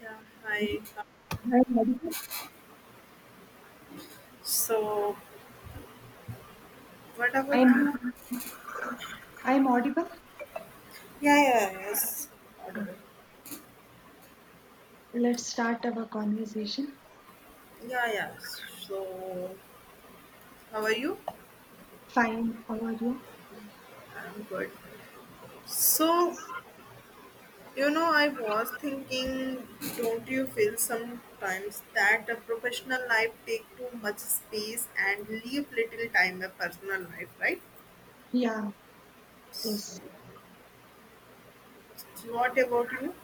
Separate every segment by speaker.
Speaker 1: Yeah, hi.
Speaker 2: I'm audible.
Speaker 1: So, what about
Speaker 2: I'm
Speaker 1: you?
Speaker 2: I'm audible.
Speaker 1: Yeah, Yes. Audible.
Speaker 2: Ah, let's start our conversation.
Speaker 1: Yeah. So, how are you?
Speaker 2: Fine. How are you?
Speaker 1: I'm good. So, I was thinking, don't you feel sometimes that a professional life take too much space and leave little time a personal life, right?
Speaker 2: Yeah.
Speaker 1: So,
Speaker 2: Yes.
Speaker 1: what about you?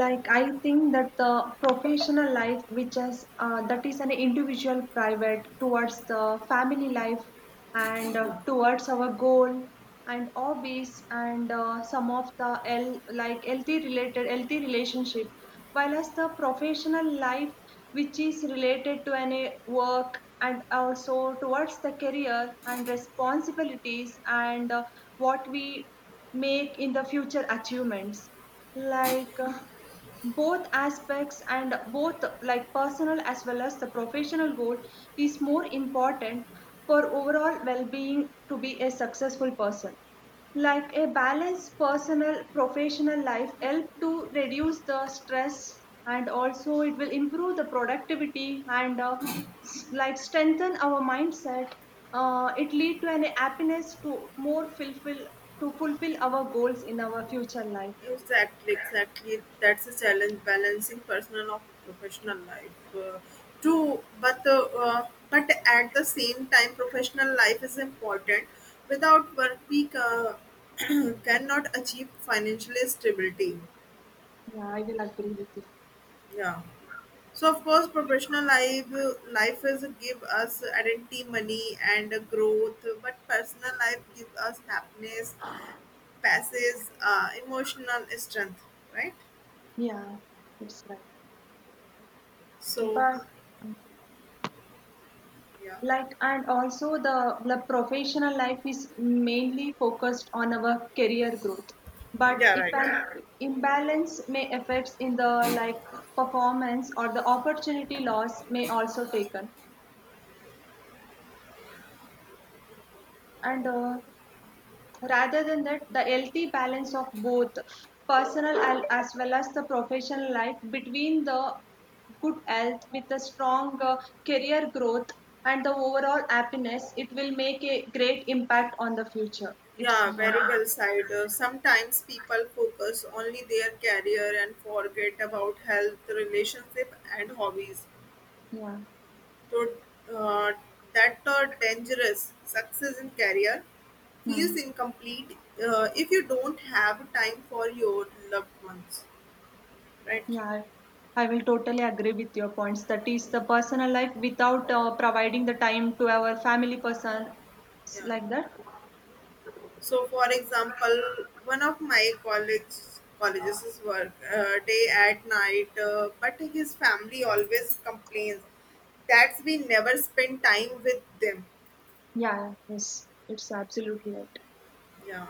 Speaker 2: Like, I think that the professional life, which is that is an individual private towards the family life, and towards our goal and hobbies, and some of the like healthy related healthy relationship, while as the professional life which is related to any work and also towards the career and responsibilities, and what we make in the future achievements, like both aspects and both, like personal as well as the professional goal, is more important for overall well-being to be a successful person. Like a balanced personal professional life help to reduce the stress, and also it will improve the productivity, and like strengthen our mindset. It lead to an happiness to more fulfill to fulfill our goals in our future life.
Speaker 1: Exactly, exactly. That's a challenge balancing personal or professional life. True, but at the same time, professional life is important. Without work, we ca- cannot achieve financial stability.
Speaker 2: Yeah, I will agree with you.
Speaker 1: Yeah. So of course, professional life life is give us identity, money, and growth. But personal life gives us happiness, passes, emotional strength. Right.
Speaker 2: Yeah, that's right.
Speaker 1: So,
Speaker 2: But
Speaker 1: yeah.
Speaker 2: like, and also the professional life is mainly focused on our career growth. But
Speaker 1: Yeah,
Speaker 2: if
Speaker 1: right.
Speaker 2: an imbalance may affects in the like performance, or the opportunity loss may also taken. And Rather than that, the healthy balance of both personal as well as the professional life, between the good health with a strong career growth and the overall happiness, it will make a great impact on the future. It's
Speaker 1: Yeah, very
Speaker 2: not,
Speaker 1: well said. Sometimes people focus only their career and forget about health, relationship, and hobbies.
Speaker 2: yeah.
Speaker 1: So uh, that dangerous success in career feels
Speaker 2: Hmm.
Speaker 1: incomplete if you don't have time for your loved ones, right?
Speaker 2: Yeah, I will totally agree with your points. That is the personal life without providing the time to our family person,
Speaker 1: Yeah.
Speaker 2: like that.
Speaker 1: So, for example, one of my college colleges work day at night, but his family always complains that's we never spend time with them.
Speaker 2: Yeah, yes, it's absolutely right.
Speaker 1: Yeah,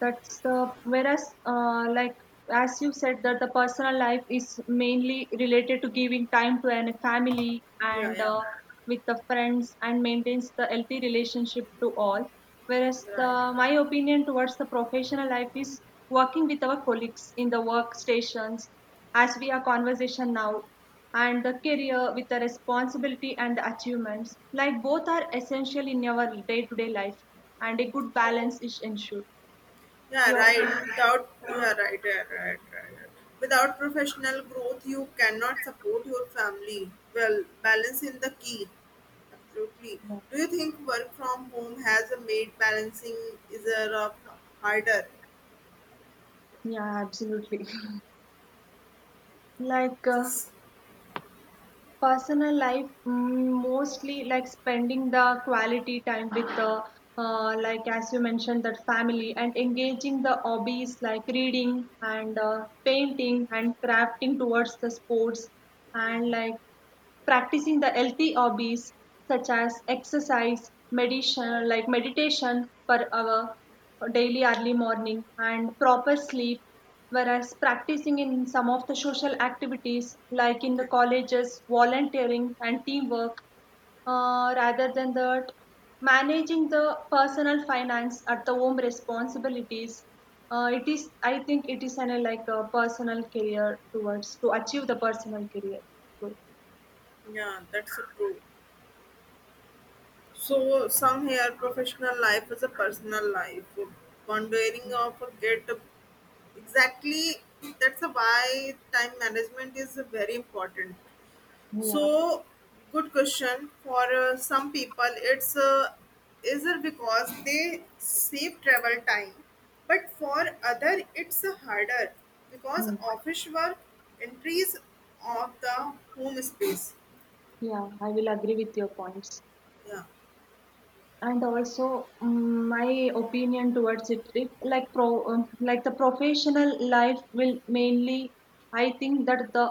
Speaker 2: That's the whereas, like as you said, that the personal life is mainly related to giving time to an family,
Speaker 1: yeah,
Speaker 2: and
Speaker 1: yeah.
Speaker 2: uh, with the friends, and maintains the healthy relationship to all. Whereas
Speaker 1: Right.
Speaker 2: the my opinion towards the professional life is working with our colleagues in the workstations, as we are conversation now, and the career with the responsibility and the achievements. Like both are essential in our day-to-day life, and a good balance is ensured.
Speaker 1: Yeah,
Speaker 2: Your
Speaker 1: right.
Speaker 2: opinion?
Speaker 1: Without yeah, right, yeah, right, right, right. Without professional growth, you cannot support your family. Well, balance in the key. Absolutely.
Speaker 2: Yeah,
Speaker 1: Do you think work from home has made balancing is a rough harder?
Speaker 2: yeah, absolutely. Like, personal life, mm, mostly like spending the quality time with the,
Speaker 1: Yeah,
Speaker 2: like as you mentioned, that family, and engaging the hobbies like reading, and painting and crafting towards the sports,
Speaker 1: yeah,
Speaker 2: and like practicing the healthy hobbies such as exercise, meditation, like meditation per hour, daily early morning, and proper sleep. Whereas practicing in some of the social activities, like in the
Speaker 1: yeah.
Speaker 2: colleges, volunteering and teamwork. Rather than that, managing the personal finance at the home responsibilities. It is, I think, it is an, like a personal career towards to achieve the personal career growth.
Speaker 1: Yeah, that's true. So some here professional life is a personal life. Pondering of get exactly that's a why time management is very important.
Speaker 2: Yeah,
Speaker 1: So good question for some people it's is it because they save travel time but for other it's harder because
Speaker 2: hmm.
Speaker 1: office work entries of the home space.
Speaker 2: Yeah, I will agree with your points.
Speaker 1: Yeah,
Speaker 2: And also mm, my opinion towards it, it like pro like the professional life will mainly, I think, that the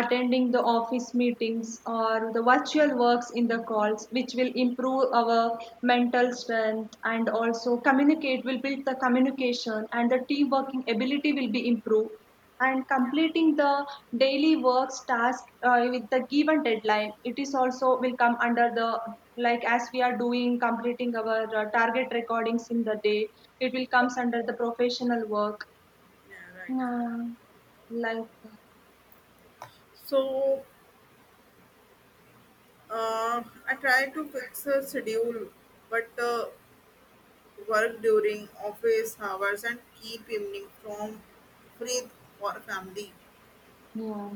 Speaker 2: attending the office meetings or the virtual works in the calls, which will improve our mental strength, and also communicate will build the communication, and the team working ability will be improved, and
Speaker 1: yeah,
Speaker 2: completing the daily works task, with the given deadline, it is also will come under the, like as we are doing, completing our target recordings in the day, it will comes under the professional work.
Speaker 1: yeah, right.
Speaker 2: uh, like
Speaker 1: So Uh, I try to fix a schedule, but work during office hours and keep evening from free for family.
Speaker 2: yeah,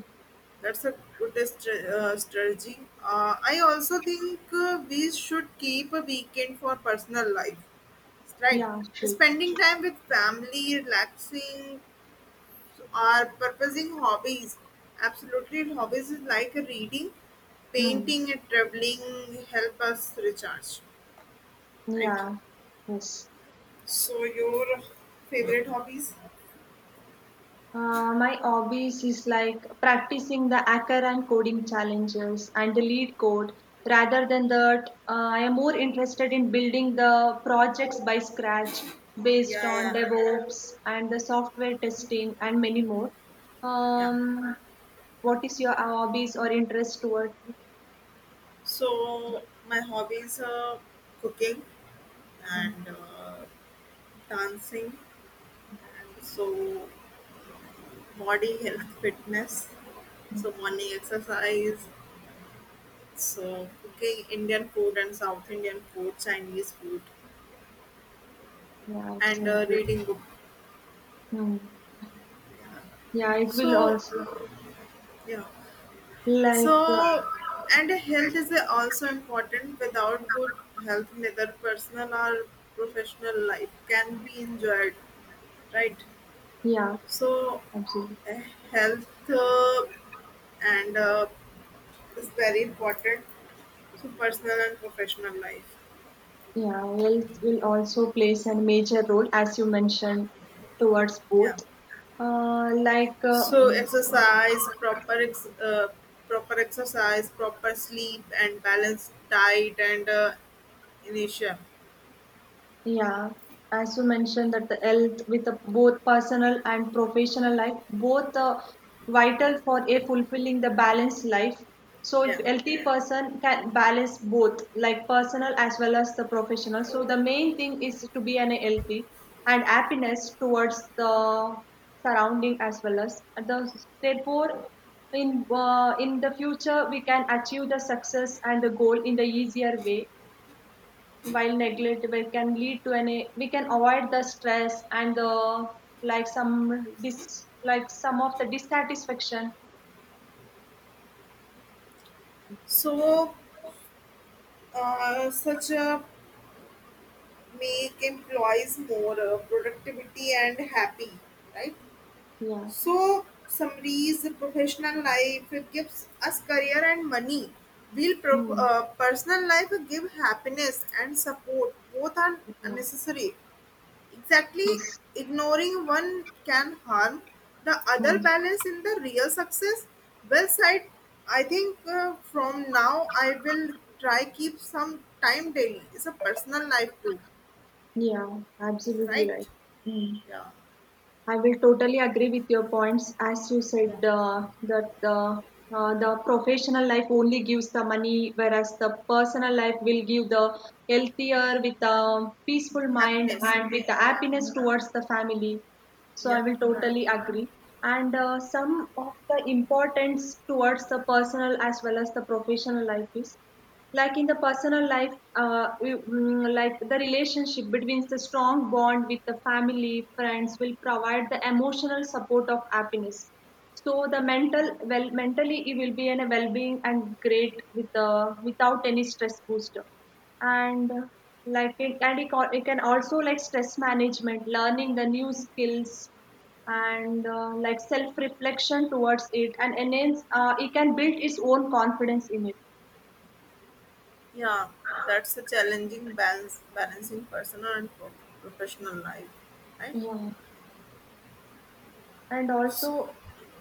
Speaker 1: That's a good stra- strategy. I also think we should keep a weekend for personal life. Right.
Speaker 2: yeah, sure.
Speaker 1: Spending time with family, relaxing, or purposing hobbies. Absolutely, hobbies is like reading,
Speaker 2: Hmm.
Speaker 1: painting, and traveling help us recharge. Right.
Speaker 2: Yeah, yes.
Speaker 1: So your favorite hobbies?
Speaker 2: My hobbies is like practicing the hacker and coding challenges and the lead code. Rather than that, I am more interested in building the projects by scratch based
Speaker 1: Yeah,
Speaker 2: on
Speaker 1: yeah,
Speaker 2: DevOps and the software testing and many more.
Speaker 1: yeah.
Speaker 2: Um, what is your hobbies or interest toward it?
Speaker 1: So my hobbies are cooking
Speaker 2: Hmm.
Speaker 1: and dancing, and so body health, fitness, so morning exercise, so cooking Indian food and South Indian food, Chinese food,
Speaker 2: Yeah, it's
Speaker 1: and
Speaker 2: an good.
Speaker 1: reading book.
Speaker 2: Hmm. Yeah, it will
Speaker 1: So
Speaker 2: also
Speaker 1: yeah.
Speaker 2: like,
Speaker 1: So, and health is also important. Without good health, neither personal or professional life can be enjoyed, right?
Speaker 2: yeah,
Speaker 1: So,
Speaker 2: absolutely.
Speaker 1: eh, health and is very important to personal and professional life.
Speaker 2: Yeah, health will also plays a major role, as you mentioned, towards both.
Speaker 1: Yeah.
Speaker 2: Uh, like uh,
Speaker 1: So, exercise, proper ex- proper exercise, proper sleep, and balanced diet and inertia.
Speaker 2: Yeah, as you mentioned, that the health with the both personal and professional life, both are vital for a fulfilling the balanced life. So if
Speaker 1: Yeah.
Speaker 2: healthy person can balance both, like personal as well as the professional. So the main thing is to be an healthy and happiness towards the surrounding as well as the therefore, in the future we can achieve the success and the goal in the easier way, while negligible can lead to any, we can avoid the stress and the like some dis like some of the dissatisfaction.
Speaker 1: So such a make employees more productivity and happy, right?
Speaker 2: Yeah.
Speaker 1: So summaries professional life it gives us career and money, will pro-
Speaker 2: Hmm.
Speaker 1: personal life give happiness and support, both are
Speaker 2: Yeah.
Speaker 1: necessary. Exactly,
Speaker 2: Yes.
Speaker 1: ignoring one can harm the other
Speaker 2: Hmm.
Speaker 1: balance in the real success. Well said. I think from now I will try keep some time daily. It's a personal life too,
Speaker 2: Yeah. Absolutely
Speaker 1: right?
Speaker 2: right. Hmm.
Speaker 1: Yeah,
Speaker 2: I will totally agree with your points. As you said,
Speaker 1: yeah.
Speaker 2: that the professional life only gives the money, whereas the personal life will give the healthier, with a peaceful mind,
Speaker 1: Happiness.
Speaker 2: and with the
Speaker 1: Yeah,
Speaker 2: happiness towards the family. So I
Speaker 1: yeah.
Speaker 2: will
Speaker 1: Right.
Speaker 2: totally agree. And Some of the importance towards the personal as well as the professional life is like in the personal life, mm, like the relationship between the strong bond with the family friends will provide the emotional support of happiness, so the
Speaker 1: Yeah.
Speaker 2: mental well mentally it will be in a well-being and great with the, without any stress booster. And like it and it, it can also like stress management, learning the new skills, and like self reflection towards it, and enhance, it can build its own confidence in it.
Speaker 1: Yeah. That's a challenging balance balancing personal and pro- professional life, right?
Speaker 2: Yeah, and also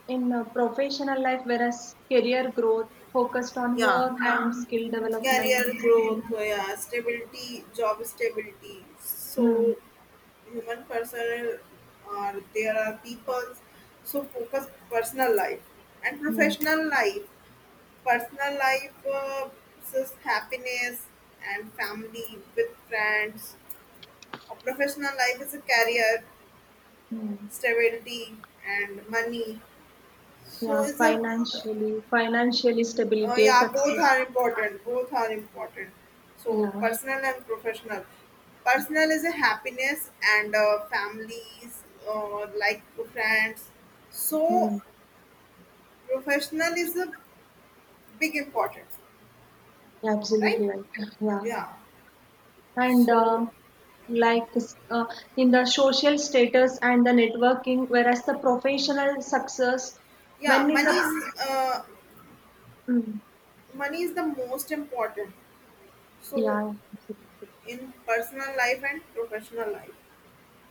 Speaker 2: in professional life, whereas career growth focused on
Speaker 1: Yeah.
Speaker 2: work and skill development.
Speaker 1: Career growth, yeah, stability, job stability. So
Speaker 2: Hmm,
Speaker 1: human personal or there are people so focus personal life and
Speaker 2: hmm,
Speaker 1: professional life. Personal life is happiness and family with friends. A professional life is a career,
Speaker 2: hmm.
Speaker 1: stability and money. So
Speaker 2: Yeah,
Speaker 1: is a
Speaker 2: financially stability
Speaker 1: Yeah, both
Speaker 2: success.
Speaker 1: are important. Both are important. So
Speaker 2: Yeah.
Speaker 1: personal and professional. Personal is a happiness and families, like friends. So
Speaker 2: Hmm.
Speaker 1: professional is a big importance,
Speaker 2: Yeah,
Speaker 1: right?
Speaker 2: absolutely right. Yeah,
Speaker 1: Yeah.
Speaker 2: and
Speaker 1: So
Speaker 2: like uh, in the social status and the networking, whereas the professional success
Speaker 1: yeah,
Speaker 2: when in
Speaker 1: money
Speaker 2: the,
Speaker 1: is uh,
Speaker 2: hmm,
Speaker 1: money is the most important. So
Speaker 2: yeah, absolutely.
Speaker 1: in personal life and professional life.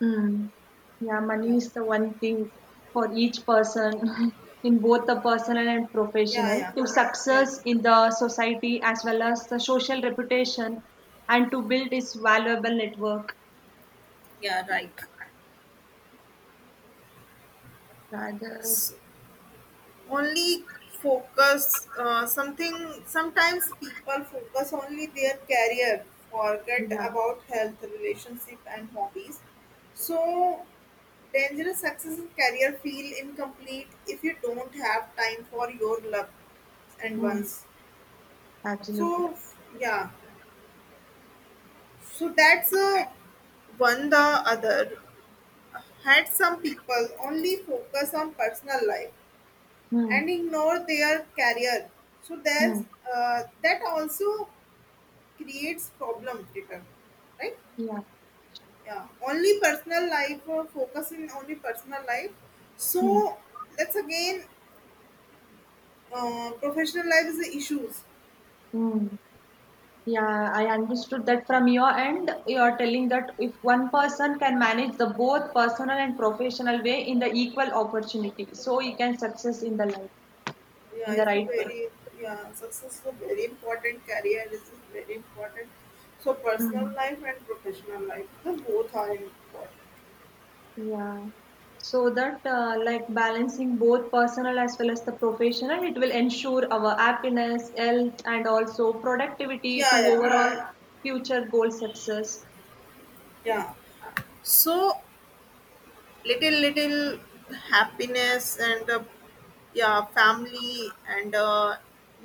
Speaker 2: Mm. Yeah, money
Speaker 1: Yeah.
Speaker 2: is the one thing for each person in both the personal and
Speaker 1: Yeah.
Speaker 2: professional,
Speaker 1: Yeah.
Speaker 2: to
Speaker 1: Yeah.
Speaker 2: success in the society as well as the social reputation, and to build its valuable network.
Speaker 1: Yeah. Right.
Speaker 2: Rather,
Speaker 1: Only focus something sometimes people focus only their career forget
Speaker 2: yeah,
Speaker 1: about health relationship and hobbies, so dangerous success in career feel incomplete if you don't have time for your loved and
Speaker 2: mm,
Speaker 1: ones.
Speaker 2: absolutely
Speaker 1: So
Speaker 2: right.
Speaker 1: yeah, so that's a one the other had some people only focus on personal life
Speaker 2: Mm,
Speaker 1: and ignore their career. So there's
Speaker 2: mm,
Speaker 1: that also creates problem later, right?
Speaker 2: yeah,
Speaker 1: Yeah, only personal life or focus in only personal life.
Speaker 2: mm,
Speaker 1: So that's again professional life is the issues.
Speaker 2: mm. Yeah, I understood that from your end. You are telling that if one person can manage the both personal and professional way in the equal opportunity, so he can success in the life
Speaker 1: Yeah,
Speaker 2: in the
Speaker 1: it's a
Speaker 2: right way.
Speaker 1: very yeah success is a very important career is very important. So personal
Speaker 2: Mm.
Speaker 1: life and professional life, the both are important.
Speaker 2: Yeah. So that, like balancing both personal as well as the professional, it will ensure our happiness, health, and also productivity to
Speaker 1: Yeah, yeah,
Speaker 2: overall future goal success.
Speaker 1: yeah. So little little happiness and yeah family and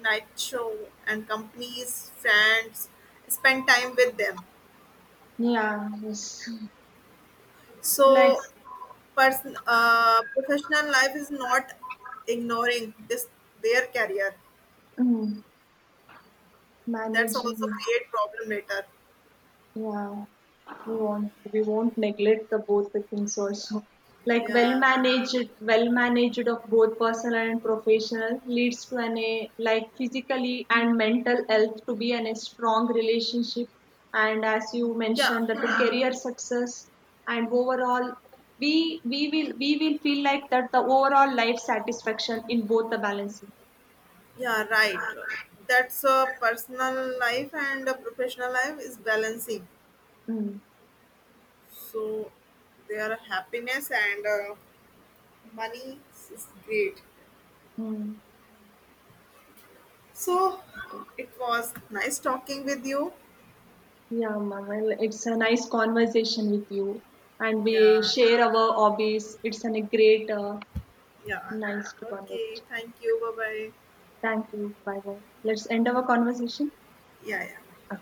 Speaker 1: night show and companies friends spend time with them.
Speaker 2: Yeah. Yes. Like
Speaker 1: So person professional life is not ignoring this their career,
Speaker 2: mm,
Speaker 1: that's
Speaker 2: managing.
Speaker 1: also create problem later.
Speaker 2: Yeah, we won't neglect the both the things also. Like
Speaker 1: Yeah,
Speaker 2: well managed of both personal and professional leads to an a like physically and mental health to be an a strong relationship. And as you
Speaker 1: yeah,
Speaker 2: mentioned, that the career success and overall, we will feel like that the overall life satisfaction in both the balancing.
Speaker 1: yeah, right. That's a personal life and a professional life is balancing,
Speaker 2: Mm.
Speaker 1: so their happiness and money is great.
Speaker 2: Mm.
Speaker 1: So it was nice talking with you.
Speaker 2: Yeah, ma'am. Well, it's a nice conversation with you, and we
Speaker 1: Yeah,
Speaker 2: share our hobbies. It's an- a great,
Speaker 1: yeah.
Speaker 2: nice
Speaker 1: Okay,
Speaker 2: conversation.
Speaker 1: thank you, bye bye.
Speaker 2: Thank you. Bye bye. Let's end our conversation.
Speaker 1: Yeah, yeah.
Speaker 2: Ah.